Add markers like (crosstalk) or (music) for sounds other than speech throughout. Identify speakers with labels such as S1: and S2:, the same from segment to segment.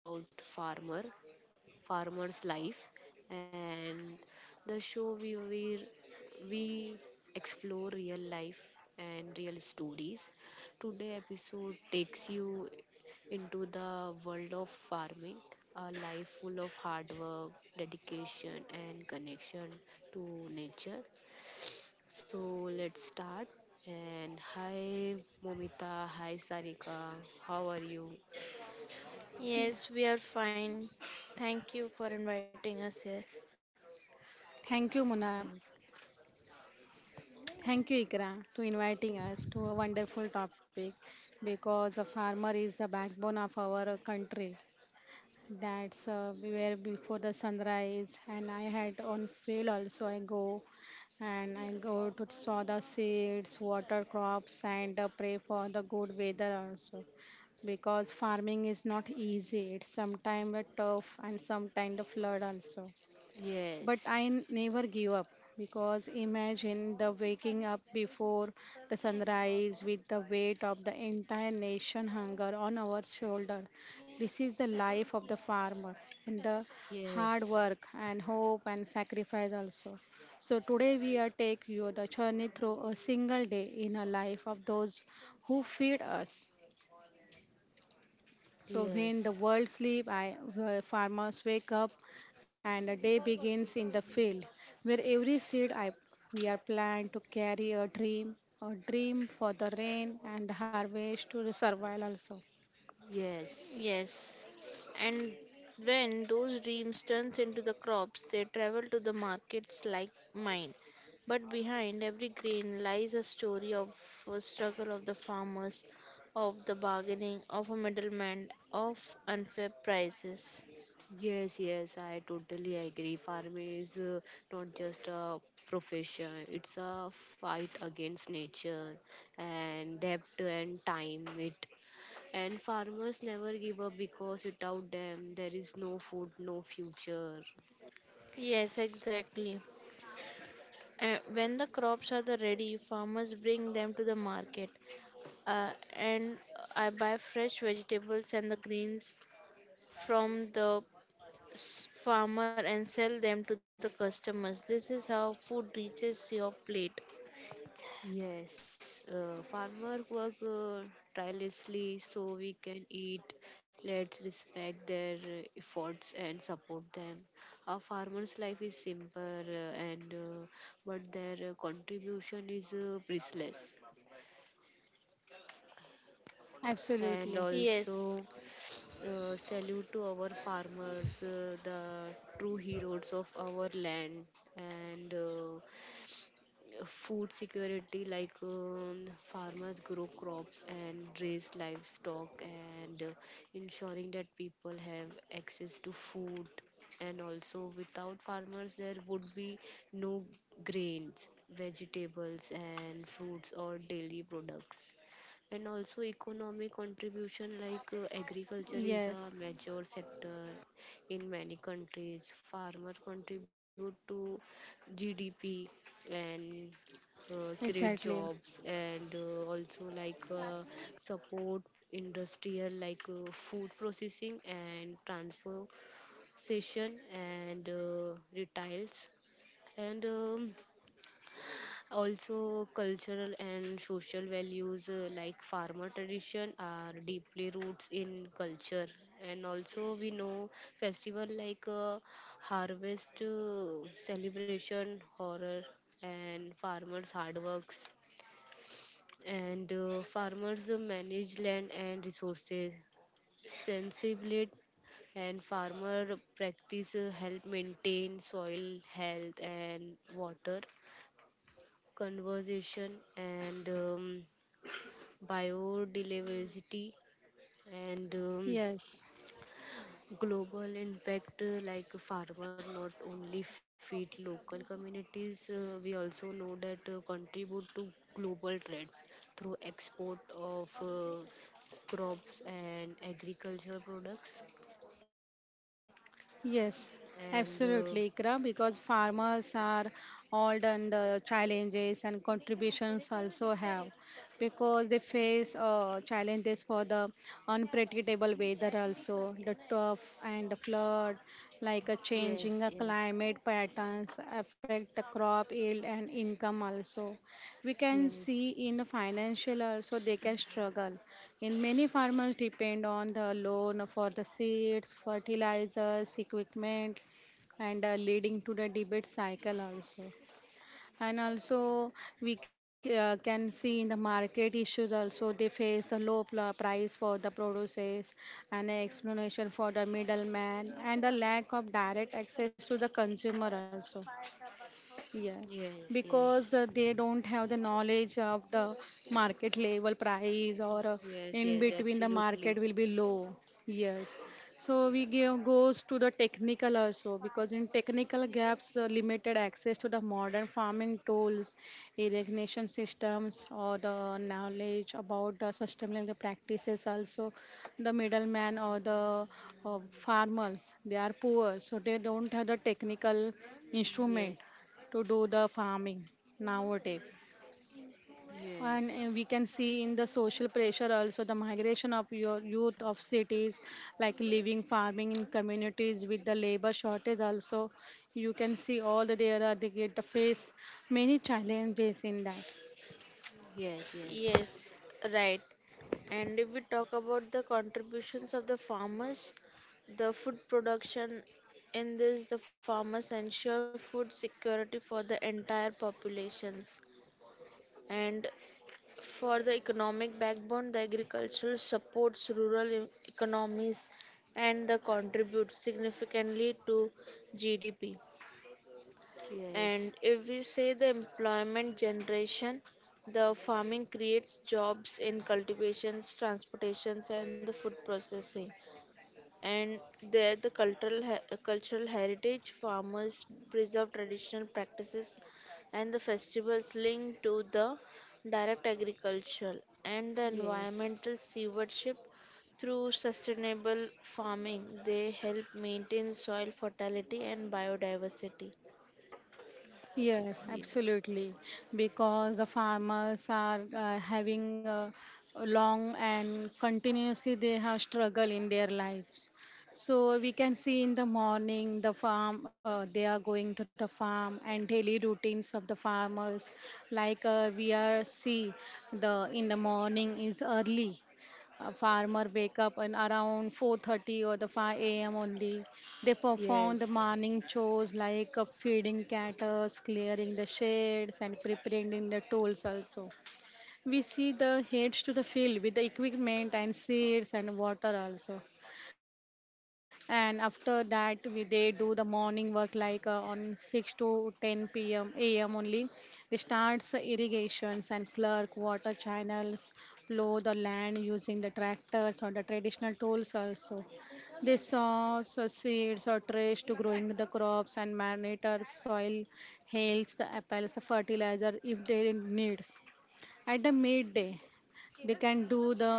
S1: about farmer, farmer's life, and the show we explore real life and real stories. Today episode takes you into the world of farming, a life full of hard work, dedication, and connection to nature. So let's start. And hi, Momita. Hi, Sarika. How are you?
S2: Yes, we are fine. Thank you for inviting us here.
S3: Thank you, Muna.
S1: Mm,
S3: Thank you, Ikra, to inviting us to a wonderful topic because a farmer is the backbone of our country. That's where before the sunrise, and I had on field also. I go and I go to sow the seeds, water crops, and pray for the good weather also. Because farming is not easy. It's sometimes tough and sometimes the flood also.
S1: Yes,
S3: But I never give up because imagine the waking up before the sunrise with the weight of the entire nation hunger on our shoulder. This is the life of the farmer and the hard
S1: yes,
S3: work and hope and sacrifice also. So today we are take you the journey through a single day in a life of those who feed us. So when the
S1: yes,
S3: world sleep, I, the farmers wake up, and the day begins in the field, where every seed I we are planned to carry a dream for the rain and the harvest to the survival also.
S1: yes,
S2: Yes, and when those dreams turns into the crops, they travel to the markets like mine. But behind every grain lies a story of a struggle of the farmers, of the bargaining, of a middleman, of unfair prices.
S1: yes. I totally agree. Farming is not just a profession, it's a fight against nature and debt and time. It and farmers never give up because without them, there is no food, no future.
S2: Yes, exactly. When the crops are the ready, farmers bring them to the market. And I buy fresh vegetables and the greens from the farmer and sell them to the customers. This is how food reaches your plate.
S1: Yes, farmer work tirelessly so we can eat. Let's respect their efforts and support them. Our farmers' life is simple, and but their contribution is priceless. And
S3: Absolutely,
S2: Yes,
S1: also, salute to our farmers, the true heroes of our land. And food security like farmers grow crops and raise livestock and ensuring that people have access to food, and also without farmers there would be no grains, vegetables and fruits or daily products. And also economic contribution, like agriculture is a
S3: yes,
S1: major sector in many countries. Farmers contribute to gdp and create jobs,
S3: exactly,
S1: and also like support industrial like food processing and transportation and retails. And Also cultural and social values, like farmer tradition are deeply roots in culture. And also we know festival like harvest celebration horror and farmers hard works. And farmers manage land and resources sensibly. And farmer practice help maintain soil health and water conservation and biodiversity. And
S3: yes.
S1: Global impact, like farmer not only feed local communities, we also know that contribute to global trade through export of crops and agricultural products. And
S3: Yes, absolutely, Ikra, because farmers are all done the challenges and contributions also have because they face challenges for the unpredictable weather also the tough and the flood like a
S1: yes, yes,
S3: changing climate patterns affect the crop yield and income also. We can
S1: yes,
S3: see in financial also they can struggle in many farmers depend on the loan for the seeds fertilizers equipment and leading to the debate cycle also. And also we can see in the market issues also they face the low price for the produces and an explanation for the middleman and the lack of direct access to the consumer also, yeah,
S1: yes, yes,
S3: because they don't have the knowledge of the market level price or
S1: yes,
S3: in
S1: yes,
S3: between the
S1: absolutely.
S3: market will be low. Yes, so we give goes to the technical also because in technical gaps, limited access to the modern farming tools, irrigation systems, or the knowledge about the sustainable practices also, the middleman or the farmers they are poor, so they don't have the technical instrument
S1: Yes,
S3: to do the farming nowadays.
S1: yes,
S3: And we can see in the social pressure also the migration of your youth of cities, like leaving farming in communities with the labor shortage also. You can see all the there are they get to face many challenges in that.
S1: yes, yes,
S2: yes, right. And if we talk about the contributions of the farmers, the food production in this, the farmers ensure food security for the entire populations. And for the economic backbone, the agriculture supports rural economies and the contribute significantly to GDP.
S1: yes,
S2: And if we say the employment generation, the farming creates jobs in cultivations, transportations, and the food processing and there the cultural heritage farmers preserve traditional practices and the festivals linked to the direct agriculture and the
S1: yes,
S2: environmental stewardship through sustainable farming they help maintain soil fertility and biodiversity.
S3: Yes,
S1: ye-
S3: absolutely. Because the farmers are having a long and continuously they have struggle in their lives. So we can see in the morning the farm they are going to the farm and daily routines of the farmers. Like we are see the in the morning is early a farmer wake up and around 4:30 or the 5 a.m. only. They perform
S1: yes.
S3: the morning chores like feeding cattle, clearing the sheds, and preparing the tools also. We see the heads to the field with the equipment and seeds and water also, and after that they do the morning work like on 6 to 10 p.m a.m only. They starts irrigations and clerk water channels, plow the land using the tractors or the traditional tools also. They sow so seeds or trash to growing the crops and monitor soil health the apples the fertilizer if they needs. At the midday they can do the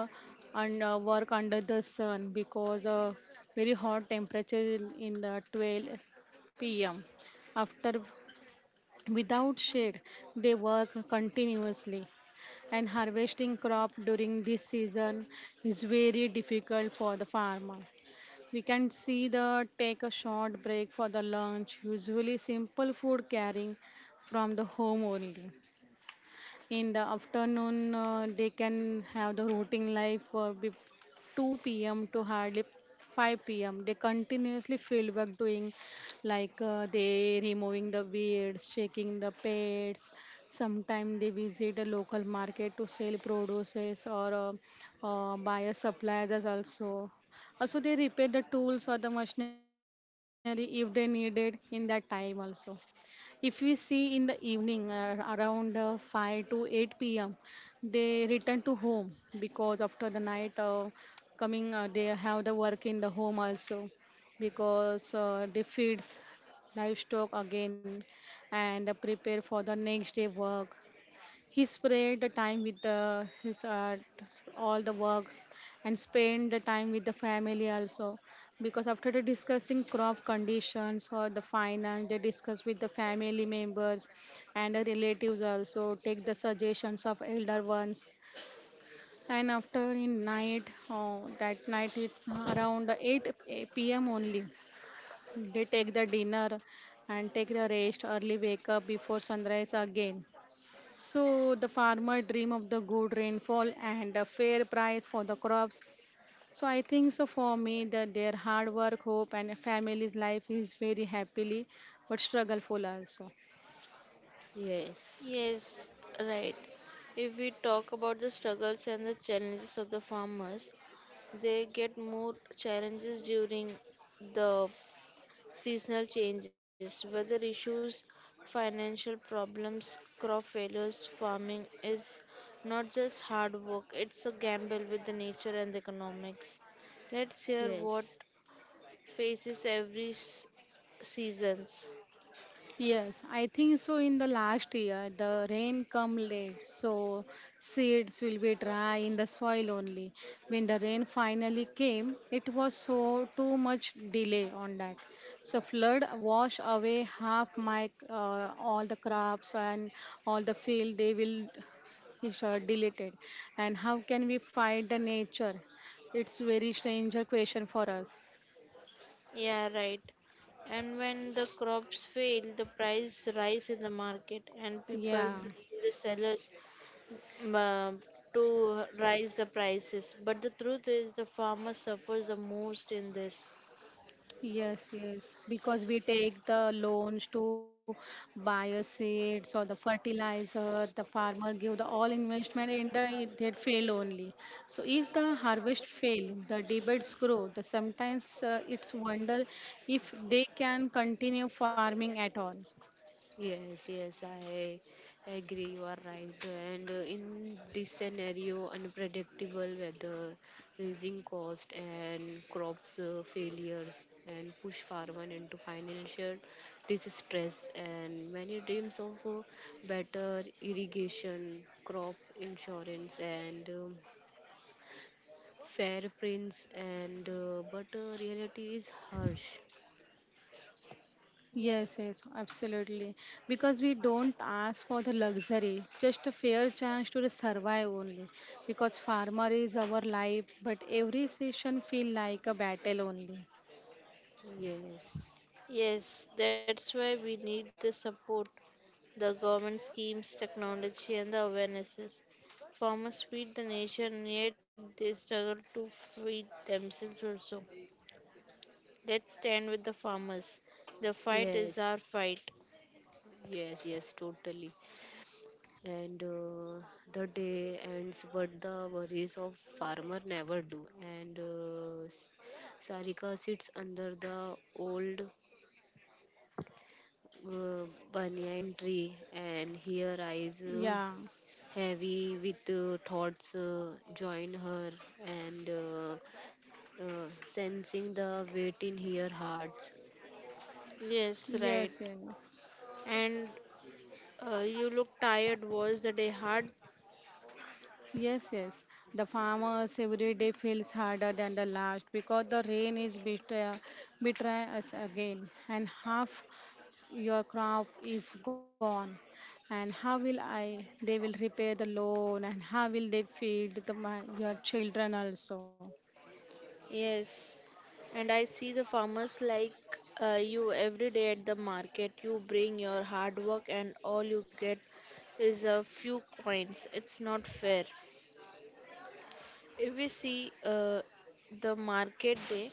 S3: and work under the sun because the very hot temperature in the 12 p.m., after without shade they work continuously, and harvesting crop during this season is very difficult for the farmer. We can see the take a short break for the lunch usually simple food carrying from the home only. In the afternoon they can have the routine life 2 p.m. to hardly 5 p.m. They continuously field work doing like they removing the weeds, checking the pets. Sometimes they visit a local market to sell produces or buy a suppliers also. Also they repair the tools or the machinery if they needed in that time also. If we see in the evening around 5 to 8 p.m., they return to home because after the night coming, they have the work in the home also because they feeds livestock again and prepare for the next day work. He spread the time with the, his art, all the works, and spend the time with the family also. Because after the discussing crop conditions or the finance, they discuss with the family members and the relatives also. Take the suggestions of elder ones. And after in night, oh, that night it's around 8 p.m. only. They take the dinner and take the rest, early wake up before sunrise again so the farmer dream of the good rainfall and a fair price for the crops. So I think so for me that their hard work, hope and a family's life is very happily but struggleful also.
S1: Yes,
S2: Yes, right. If we talk about the struggles and the challenges of the farmers, they get more challenges during the seasonal changes, weather issues, financial problems, crop failures. Farming is not just hard work, it's a gamble with the nature and the economics. Let's hear what
S1: yes,
S2: faces every seasons.
S3: Yes, I think so. In the last year, the rain come late, so seeds will be dry in the soil only. When the rain finally came, it was so too much delay on that. So flood wash away half my all the crops and all the field. They will is deleted, and how can we fight the nature? It's very stranger question for us.
S2: Yeah, right. And when the crops fail, the price rise in the market and people
S3: Yeah.
S2: blame the sellers uh, to rise the prices. But the truth is the farmer suffers the most in this.
S3: Yes, yes, because we take the loans to buy a seeds or the fertilizer, the farmer give the all investment and it fail only. So if the harvest fail, the debates grow. The sometimes it's wonder if they can continue farming at all.
S1: yes. I agree. You are right. And in this scenario, unpredictable weather, raising cost, and crops failures, and push farmers into financial distress. And many dreams of better irrigation, crop insurance, and fair prints. And but reality is harsh.
S3: Yes, yes, absolutely. Because we don't ask for the luxury, just a fair chance to survive only. Because farmer is our life, but every session feel like a battle only.
S1: Yes,
S2: Yes, that's why we need the support, the government schemes, technology, and the awarenesses. Farmers feed the nation, yet they struggle to feed themselves also. Let's stand with the farmers. The fight is
S1: yes.
S2: our fight.
S1: Yes, yes, totally. And the day ends, but the worries of farmer never do. And Sarika sits under the old uh, banyan tree, and her eyes
S3: Yeah.
S1: heavy with thoughts join her, and sensing the weight in her heart.
S2: Yes, right.
S3: Yes, yes.
S2: And you look tired. Was the day hard?
S3: Yes, yes. The farmers every day feels harder than the last because the rain is betray, betray us again, and half your crop is gone. And how will I? They will repay the loan, and how will they feed your children also?
S2: Yes, and I see the farmers like you every day at the market. You bring your hard work, and all you get is a few coins. It's not fair. If we see the market day,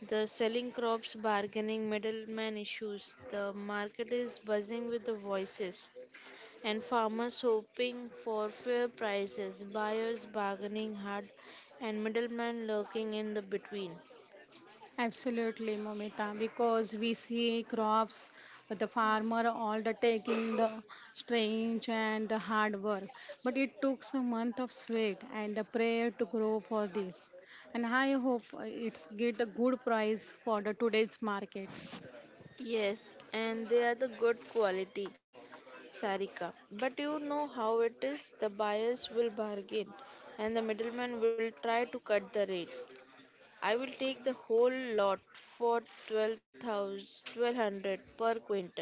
S2: the selling crops, bargaining, middleman issues, the market is buzzing with the voices, and farmers hoping for fair prices, buyers bargaining hard, and middlemen lurking in the between.
S3: Absolutely, Momita, because we see crops, the farmer all the taking the strange and the hard work. But it took a month of sweat and the prayer to grow for this. And I hope it's get a good price for the today's market.
S2: Yes, and they are the good quality, Sarika. But you know how it is, the buyers will bargain and the middleman will try to cut the rates. I will take the whole lot for 12,000, 1,200 per quintal.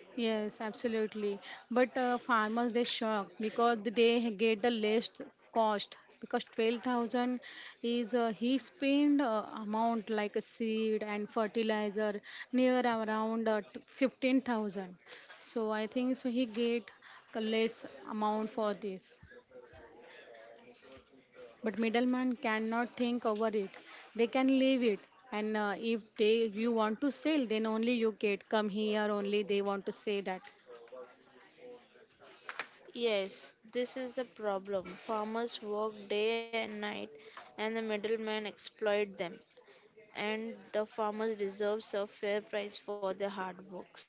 S3: Yes, absolutely. But farmers they shocked because they get the less cost because 12,000 is a he spend amount like a seed and fertilizer near around 15,000. So I think so he get the less amount for this. But middleman cannot think over it. They can leave it. And if they you want to sell, then only you get come here. Only they want to say that.
S2: Yes, this is the problem. Farmers work day and night and the middlemen exploit them. And the farmers deserve a fair price for their hard works.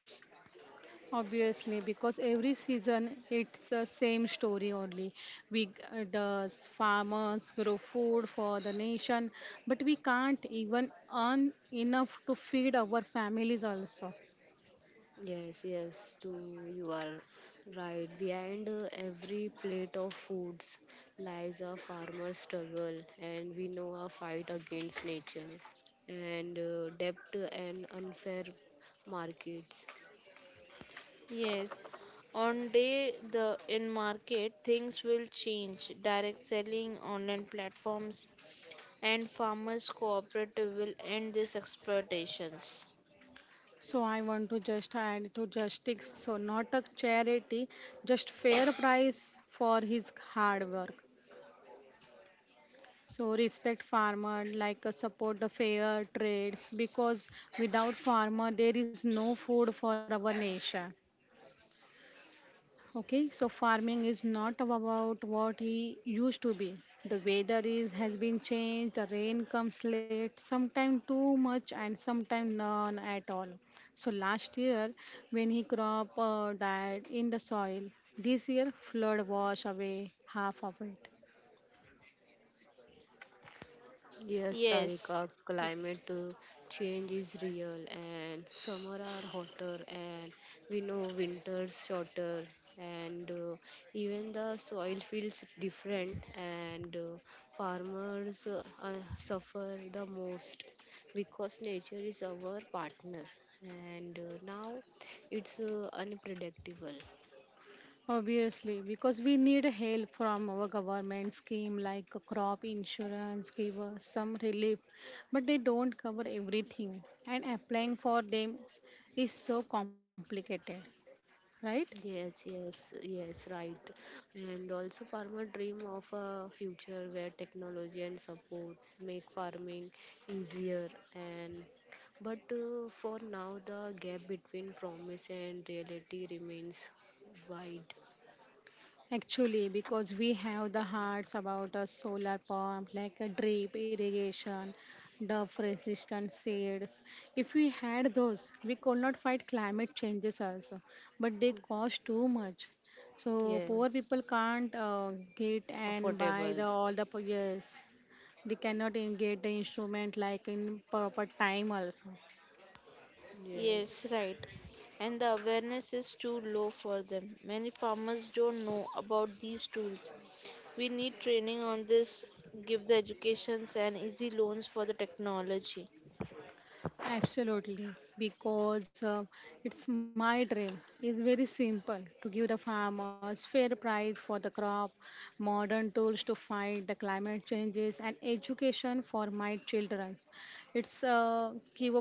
S3: Obviously, because every season it's the same story only. We the farmers grow food for the nation, but we can't even earn enough to feed our families also.
S1: Yes, yes, too, you are right. Behind every plate of foods lies a farmer's struggle, and we know a fight against nature and debt and unfair markets.
S2: Yes, on day the in market things will change. Direct selling, online platforms, and farmers cooperative will end these exploitations.
S3: So I want to just add to justice, so not a charity, just fair price for his hard work. So respect farmer, like support the fair trades, because without farmer there is no food for our nation. Okay, so farming is not about what he used to be. The weather is has been changed. The rain comes late, sometimes too much, and sometimes none at all. So last year, when he crop died in the soil, this year flood wash away half of it.
S1: Yes,
S2: Yes,
S1: Sarika, climate change is real, and summer are hotter, and we know winters shorter, and even the soil feels different. And farmers suffer the most because nature is our partner, and now it's unpredictable.
S3: Obviously, because we need help from our government scheme like a crop insurance, give us some relief, but they don't cover everything, and applying for them is so complicated, right?
S1: Yes, yes, yes, right. And also, farmer dream of a future where technology and support make farming easier. And but for now, the gap between promise and reality remains wide.
S3: Actually, because we have the hearts about a solar pump, like a drip irrigation, dove resistant seeds. If we had those, we could not fight climate changes also, but they cost too much. So poor
S1: Yes,
S3: people can't get and buy
S1: affordable.
S3: the all the po- yes, they cannot in- get the instrument like in proper time also.
S2: yes,
S1: Yes.
S2: right. And the awareness is too low for them. Many farmers don't know about these tools. We need training on this, give the educations and easy loans for the technology.
S3: Absolutely, because it's my dream. It's very simple to give the farmers fair price for the crop, modern tools to fight the climate changes, and education for my children. It's give a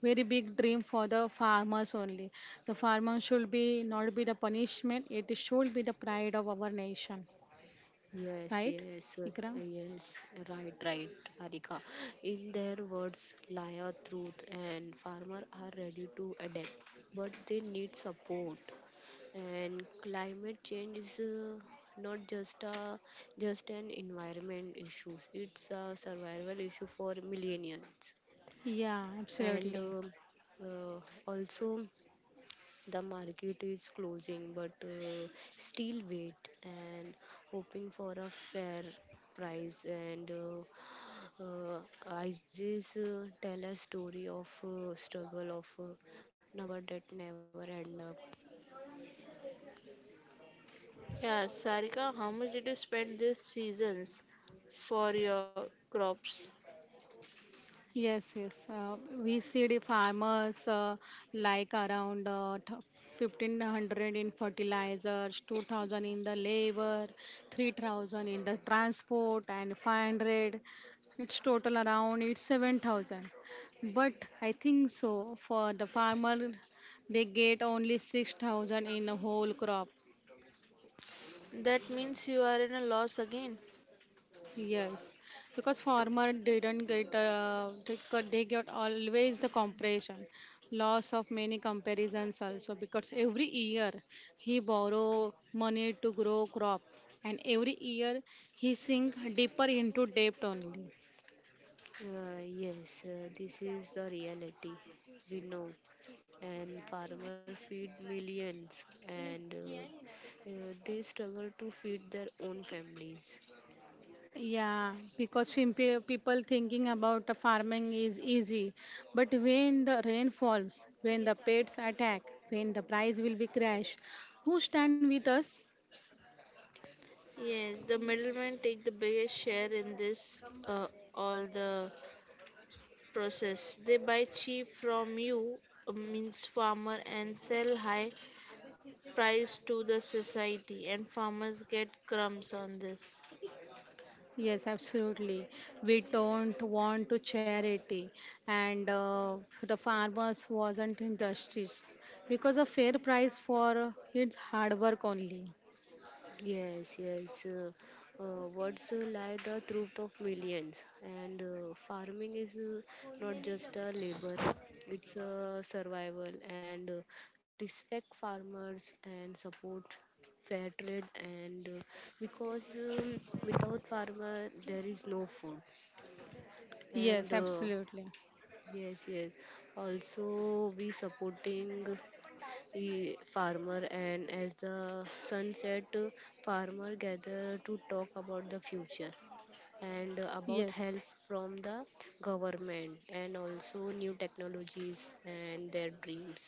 S3: very big dream for the farmers only. The farmers should be not be the punishment. It should be the pride of our nation,
S1: Yes,
S3: right,
S1: yes,
S3: Ikram?
S1: yes, right, right, Sarika. In their words lie a truth, and farmers are ready to adapt, but they need support. And climate change is not just a just an environment issue; it's a survival issue for millions.
S3: Yeah,
S1: And
S3: absolutely.
S1: uh, also. The market is closing, but still wait and hoping for a fair price. And ISIS tell a story of struggle of number that never end up.
S2: Yeah, Sarika, how much did you spend this seasons for your crops?
S3: Yes, yes. We see the farmers like around 1500 in fertilizers, 2000 in the labor, 3000 in the transport, and 500. It's total around it's 7000. But I think so for the farmer, they get only 6000 in a whole crop.
S2: That means you are in a loss again.
S3: Yes, because farmer didn't get they got always the comparison, loss of many comparisons also because every year he borrow money to grow crop and every year he sink deeper into debt only.
S1: Yes, this is the reality we know. And farmer feed millions, and they struggle to feed their own families.
S3: Yeah, because people thinking about the farming is easy, but when the rain falls, when the pests attack, when the price will be crash, who stand with us?
S2: Yes, the middlemen take the biggest share in this all the process. They buy cheap from you, means farmer, and sell high price to the society, and farmers get crumbs on this.
S3: Yes, absolutely. We don't want to charity, and the farmers wasn't industries because a fair price for its hard work only.
S1: Yes, yes. Words lie the truth of millions, and farming is not just a labor; it's a survival. And Respect farmers and support fair trade. And Because um, without farmer, there is no food. And
S3: Yes, absolutely.
S1: yes, yes. Also, we supporting farmer. And as the sun set, farmer gather to talk about the future and about
S3: Yes.
S1: help from the government and also new technologies and their dreams.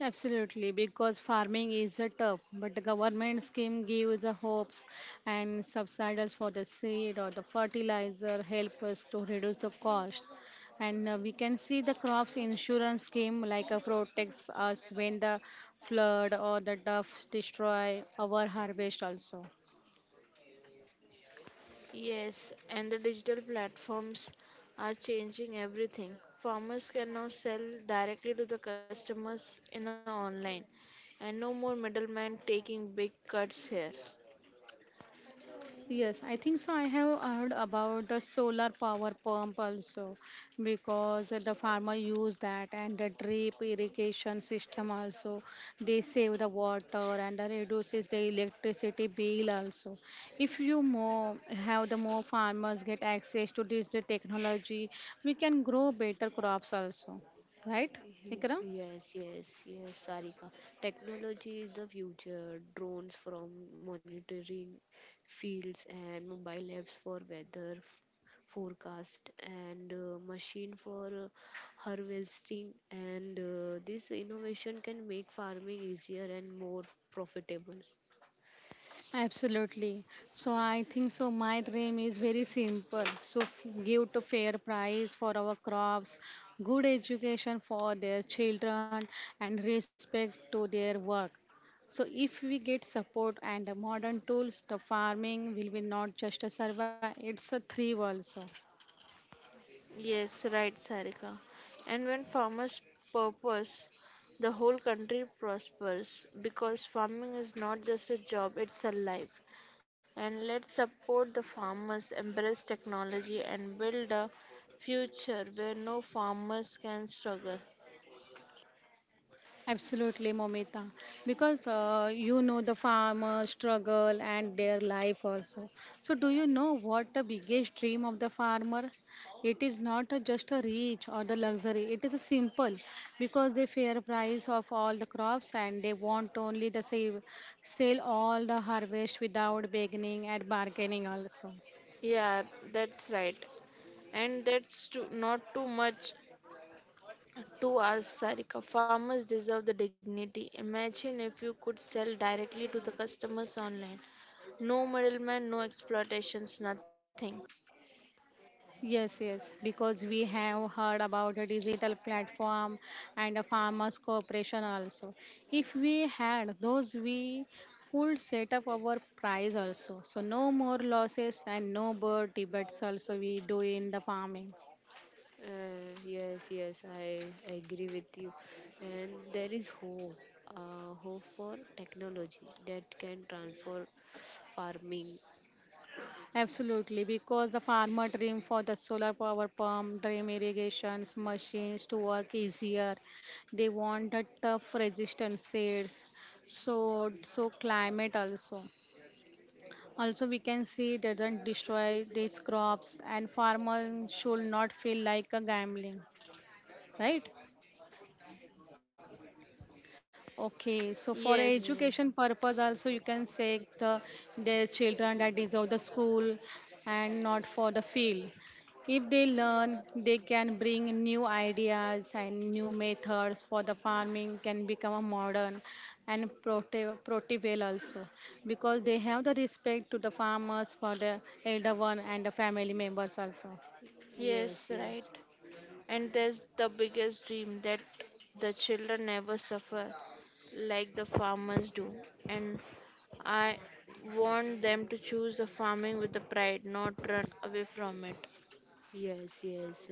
S3: Absolutely, because farming is a tough, but the government scheme gives the hopes and subsidies for the seed or the fertilizer help us to reduce the cost. And we can see the crops insurance scheme like protects us when the flood or the drought destroy our harvest also.
S2: Yes, and the digital platforms are changing everything. Farmers can now sell directly to the customers in online and no more middlemen taking big cuts here.
S3: Yes, I think so. I have heard about the solar power pump also because the farmer use that and the drip irrigation system also. They save the water and the reduces the electricity bill also. If you more have the more farmers get access to this the technology, we can grow better crops also, right,
S1: (laughs) Y-
S3: Ikram?
S1: Yes, yes, yes, Sarika. Technology is the future. Drones from monitoring fields and mobile apps for weather forecast and machine for harvesting. And this innovation can make farming easier and more profitable.
S3: Absolutely. So I think so. My dream is very simple. So give to fair price for our crops, good education for their children, and respect to their work. So if we get support and modern tools, the farming will be not just a survive. It's a thrive also.
S2: Yes, right, Sarika. And when farmers purpose, the whole country prospers because farming is not just a job, it's a life. And let's support the farmers, embrace technology, and build a future where no farmers can struggle.
S3: Absolutely, Momita. Because you know the farmer struggle and their life also. So, do you know what the biggest dream of the farmer? It is not just a reach or the luxury. It is a simple because they fair price of all the crops and they want only the save, sell all the harvest without beginning and bargaining also.
S2: Yeah, that's right. And that's too, not too much to ask, Sarika. Farmers deserve the dignity. Imagine if you could sell directly to the customers online. No middleman, no exploitations, nothing.
S3: Yes, yes, because we have heard about a digital platform and a farmers cooperation also. If we had those, we could set up our price also. So no more losses and no more debates also we do in the farming.
S1: Yes, yes, I agree with you. And there is hope, hope for technology that can transform farming.
S3: Absolutely, because the farmer dream for the solar power pump, dream irrigations, machines to work easier. They want the tough resistant seeds, so climate also. Also, we can see it doesn't destroy these crops, and farmers should not feel like a gambling, right? Okay, so for
S2: Yes,
S3: a
S1: Uh,
S3: education purpose also you can say the their children that deserve the school and not for the field. If they learn, they can bring new ideas and new methods for the farming can become a modern and protective also because they have the respect to the farmers for the elder one and the family members also.
S1: yes,
S2: yes,
S1: yes,
S2: right. And there's the biggest dream that the children never suffer like the farmers do. And I want them to choose the farming with the pride, not run away from it.
S1: yes, yes.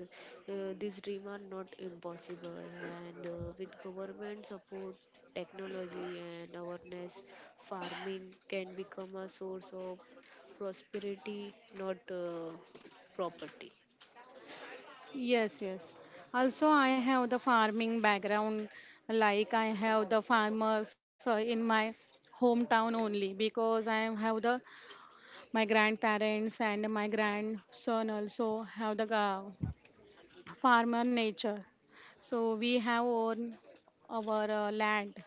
S1: These dreams are not impossible, and with government support, technology, and awareness, farming can become a source of prosperity, not property.
S3: Yes, yes. Also, I have the farming background, like I have the farmers in my hometown only because have the my grandparents and my grandson also have the farmer nature. So we have own our land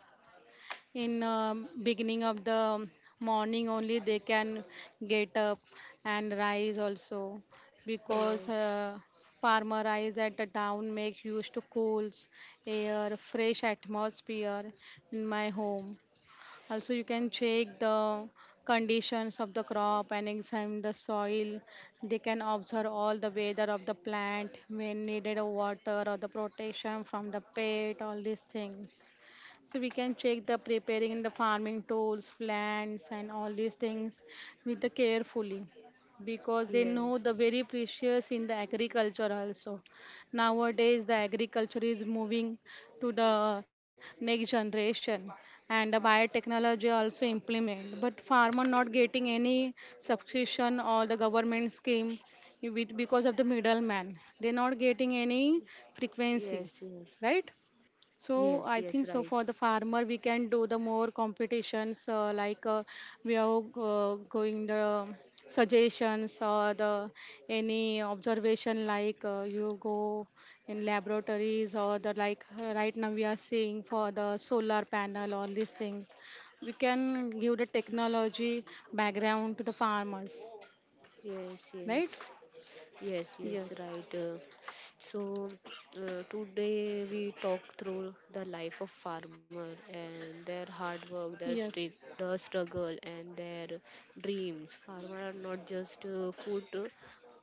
S3: in beginning of the morning only they can get up and rise also because
S1: Yes,
S3: farmer rise at the town make use to cools air fresh atmosphere in my home also, you can check the conditions of the crop and examine the soil. They can observe all the weather of the plant, when needed of water or the protection from the pest, all these things. So we can check the preparing the farming tools, plants, and all these things with the carefully because they know the
S1: yes.
S3: very precious in the agriculture also. Nowadays, the agriculture is moving to the next generation and the biotechnology also implement. But farmer not getting any subscription or the government scheme because of the middleman. They not getting any
S1: Yes,
S3: frequency,
S1: yes.
S3: right?
S1: Yes,
S3: So I
S1: yes,
S3: think
S1: right.
S3: so for the farmer we can do the more competitions we are going the suggestions or the any observation like you go in laboratories or the like right now we are seeing for the solar panel all these things we can give the technology background to the farmers,
S1: Yes, yes.
S3: right?
S1: Yes, yes,
S3: Yes,
S1: right. So today we talk through the life of farmer and their hard work,
S3: yes,
S1: the struggle and their dreams. Farmer are not just food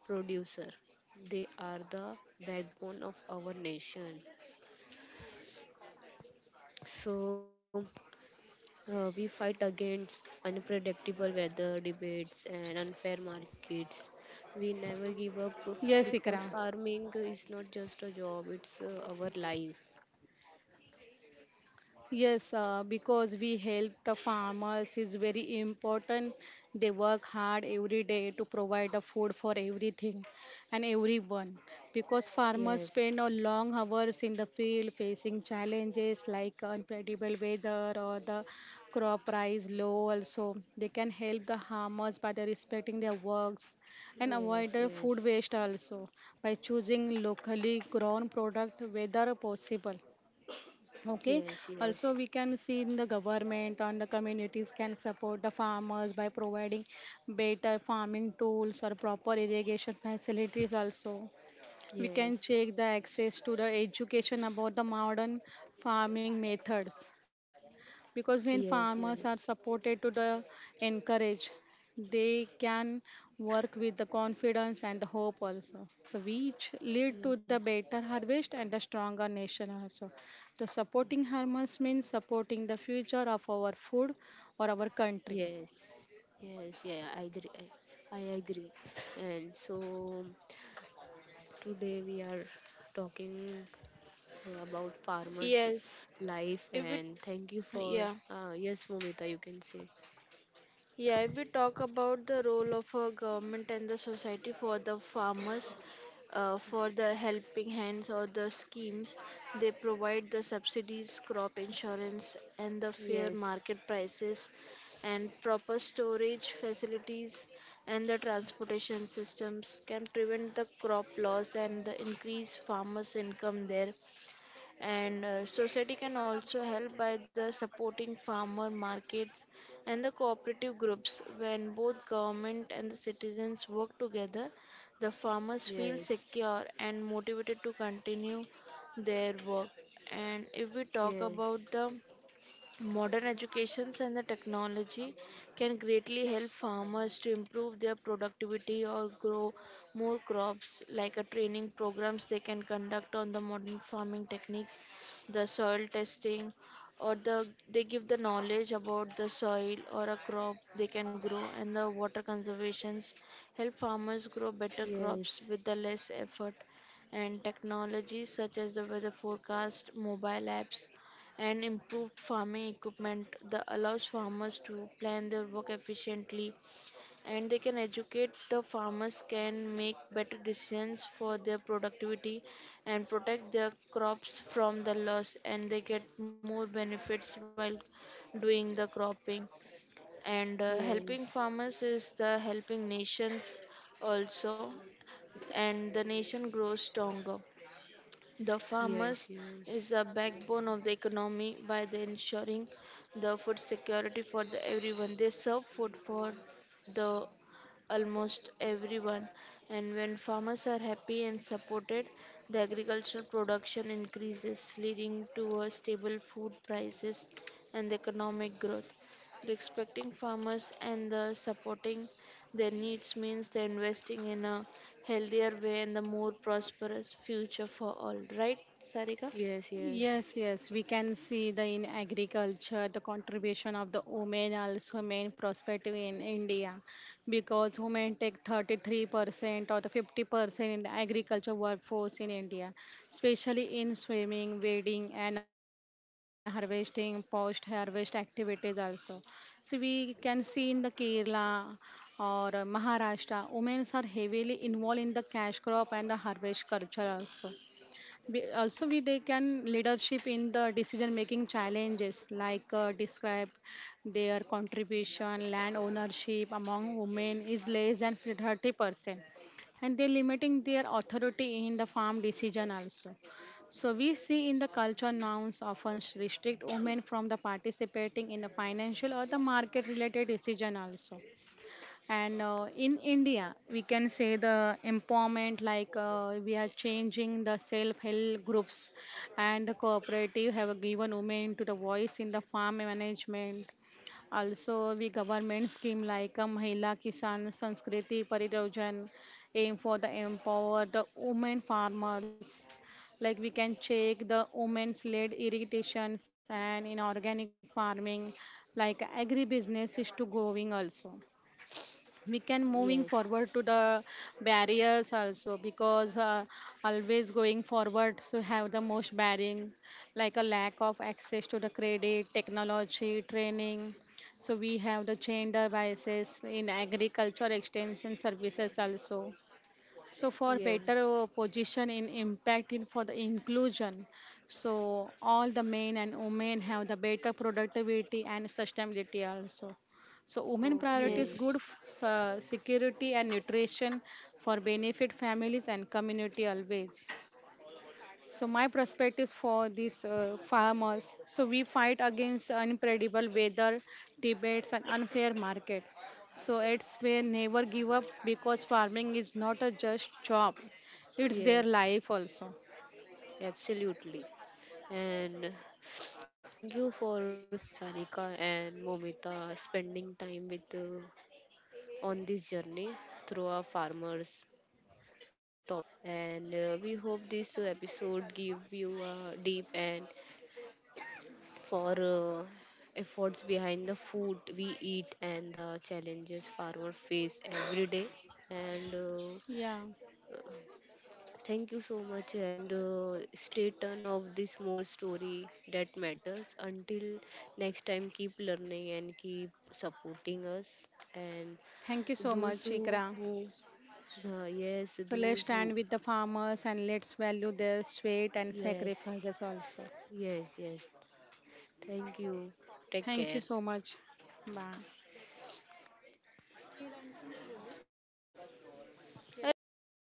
S1: producer. They are the backbone of our nation. So we fight against unpredictable weather, debates, and unfair markets. We never give up
S3: yes,
S1: because
S3: Ikra.
S1: farming is not just a job, it's our life.
S3: Yes, because we help the farmers is very important. They work hard every day to provide the food for everything and everyone. Because farmers
S1: Yes,
S3: spend a long hours in the field facing challenges like unpredictable weather or the crop price low. Also, they can help the farmers by the respecting their works and avoid
S1: yes,
S3: the food
S1: yes,
S3: waste also by choosing locally grown product whether possible. Okay.
S1: yes,
S3: Also,
S1: yes,
S3: we can see in the government and the communities can support the farmers by providing better farming tools or proper irrigation facilities. Also, we can check
S1: yes,
S3: the access to the education about the modern farming methods because when
S1: yes, yes,
S3: farmers are supported to the encourage they can work with the confidence and the hope also so which lead to the better harvest and the stronger nation also the supporting farmers means supporting the future of our food or our
S1: yeah,
S3: country.
S1: yes, yes, yeah, I agree. I agree. And so today we are talking about farmers'
S2: Yes,
S1: life,
S2: if it,
S1: and thank you for
S2: yeah.
S1: yes, Momita, you can say
S2: Yeah, if we talk about the role of a government and the society for the farmers, for the helping hands or the schemes, they provide the subsidies, crop insurance, and the fair
S1: yes,
S2: market prices, and proper storage facilities, and the transportation systems can prevent the crop loss and the increase farmers' income there. And society can also help by the supporting farmer markets and the cooperative groups. When both government and the citizens work together, the farmers feel
S1: yes,
S2: secure and motivated to continue their work. And if we talk about
S1: yes,
S2: the modern educations and the technology, can greatly help farmers to improve their productivity or grow more crops, like a training programs they can conduct on the modern farming techniques, the soil testing, or the they give the knowledge about the soil or a crop they can grow, and the water conservations help farmers grow better crops
S1: yes,
S2: with the less effort. And technologies such as the weather forecast, mobile apps, and improved farming equipment that allows farmers to plan their work efficiently, and they can educate the farmers can make better decisions for their productivity and protect their crops from the loss, and they get more benefits while doing the cropping. And helping
S1: yes,
S2: farmers is the helping nations also, and the nation grows stronger. The
S1: yes,
S2: farmers
S1: yes,
S2: is the backbone of the economy by the ensuring the food security for the everyone. They serve food for the almost everyone. And when farmers are happy and supported, the agricultural production increases, leading to a stable food prices and economic growth. Respecting farmers and the supporting their needs means the investing in a healthier way and the more prosperous future for all. Right, Sarika?
S1: yes, yes,
S3: Yes, yes, we can see the in agriculture the contribution of the women also main prospective in India because women take 33% or the 50% in the agriculture workforce in India, especially in swimming, wading, and harvesting, post harvest activities also. So we can see in the Kerala or Maharashtra, women are heavily involved in the cash crop and the harvest culture also, we they can leadership in the decision making challenges like describe their contribution, land ownership among women is less than 30%, and they're limiting their authority in the farm decision also. So we see in the culture norms often restrict women from the participating in the financial or the market related decision also and in india we can say the empowerment like we are changing the self help groups and the cooperative have given women to the voice in the farm management also we government scheme like a mahila kisan sanskriti pariyojan aim for the empowered women farmers like we can check the women's led irrigations and in organic farming like agribusiness is to going also we can moving forward to the barriers also because always going forward so have the most barring like a lack of access to the credit technology training so we have the gender biases in agriculture extension services also so for
S1: yes,
S3: better
S1: yes.
S3: position in impact in for the inclusion so all the men and women have the better productivity and sustainability also so women priorities
S1: Okay,
S2: Yes.
S3: good security and nutrition for benefit families and community always so my perspective for these farmers. So we fight against unpredictable weather, debates, and unfair market. So it's we never give up because farming is not a just job; it's their
S1: yes,
S3: life also.
S1: absolutely, and thank you for Sarika and Momita spending time with on this journey through our farmers topic, and we hope this episode give you a deep and for efforts behind the food we eat and the challenges farmers face every day. And
S3: Yeah.
S1: Thank you so much, and stay tuned of this more story that matters. Until next time, keep learning and keep supporting us. And
S3: Thank you so
S1: those
S3: much, Ikra.
S1: who yes,
S3: So let's
S1: those
S3: stand
S1: who,
S3: with the farmers and let's value their sweat and
S1: yes,
S3: sacrifices also.
S1: yes, yes. Thank you. Take
S3: Thank you
S1: care.
S3: so much. Bye.
S2: अरे वो किधर बोली वो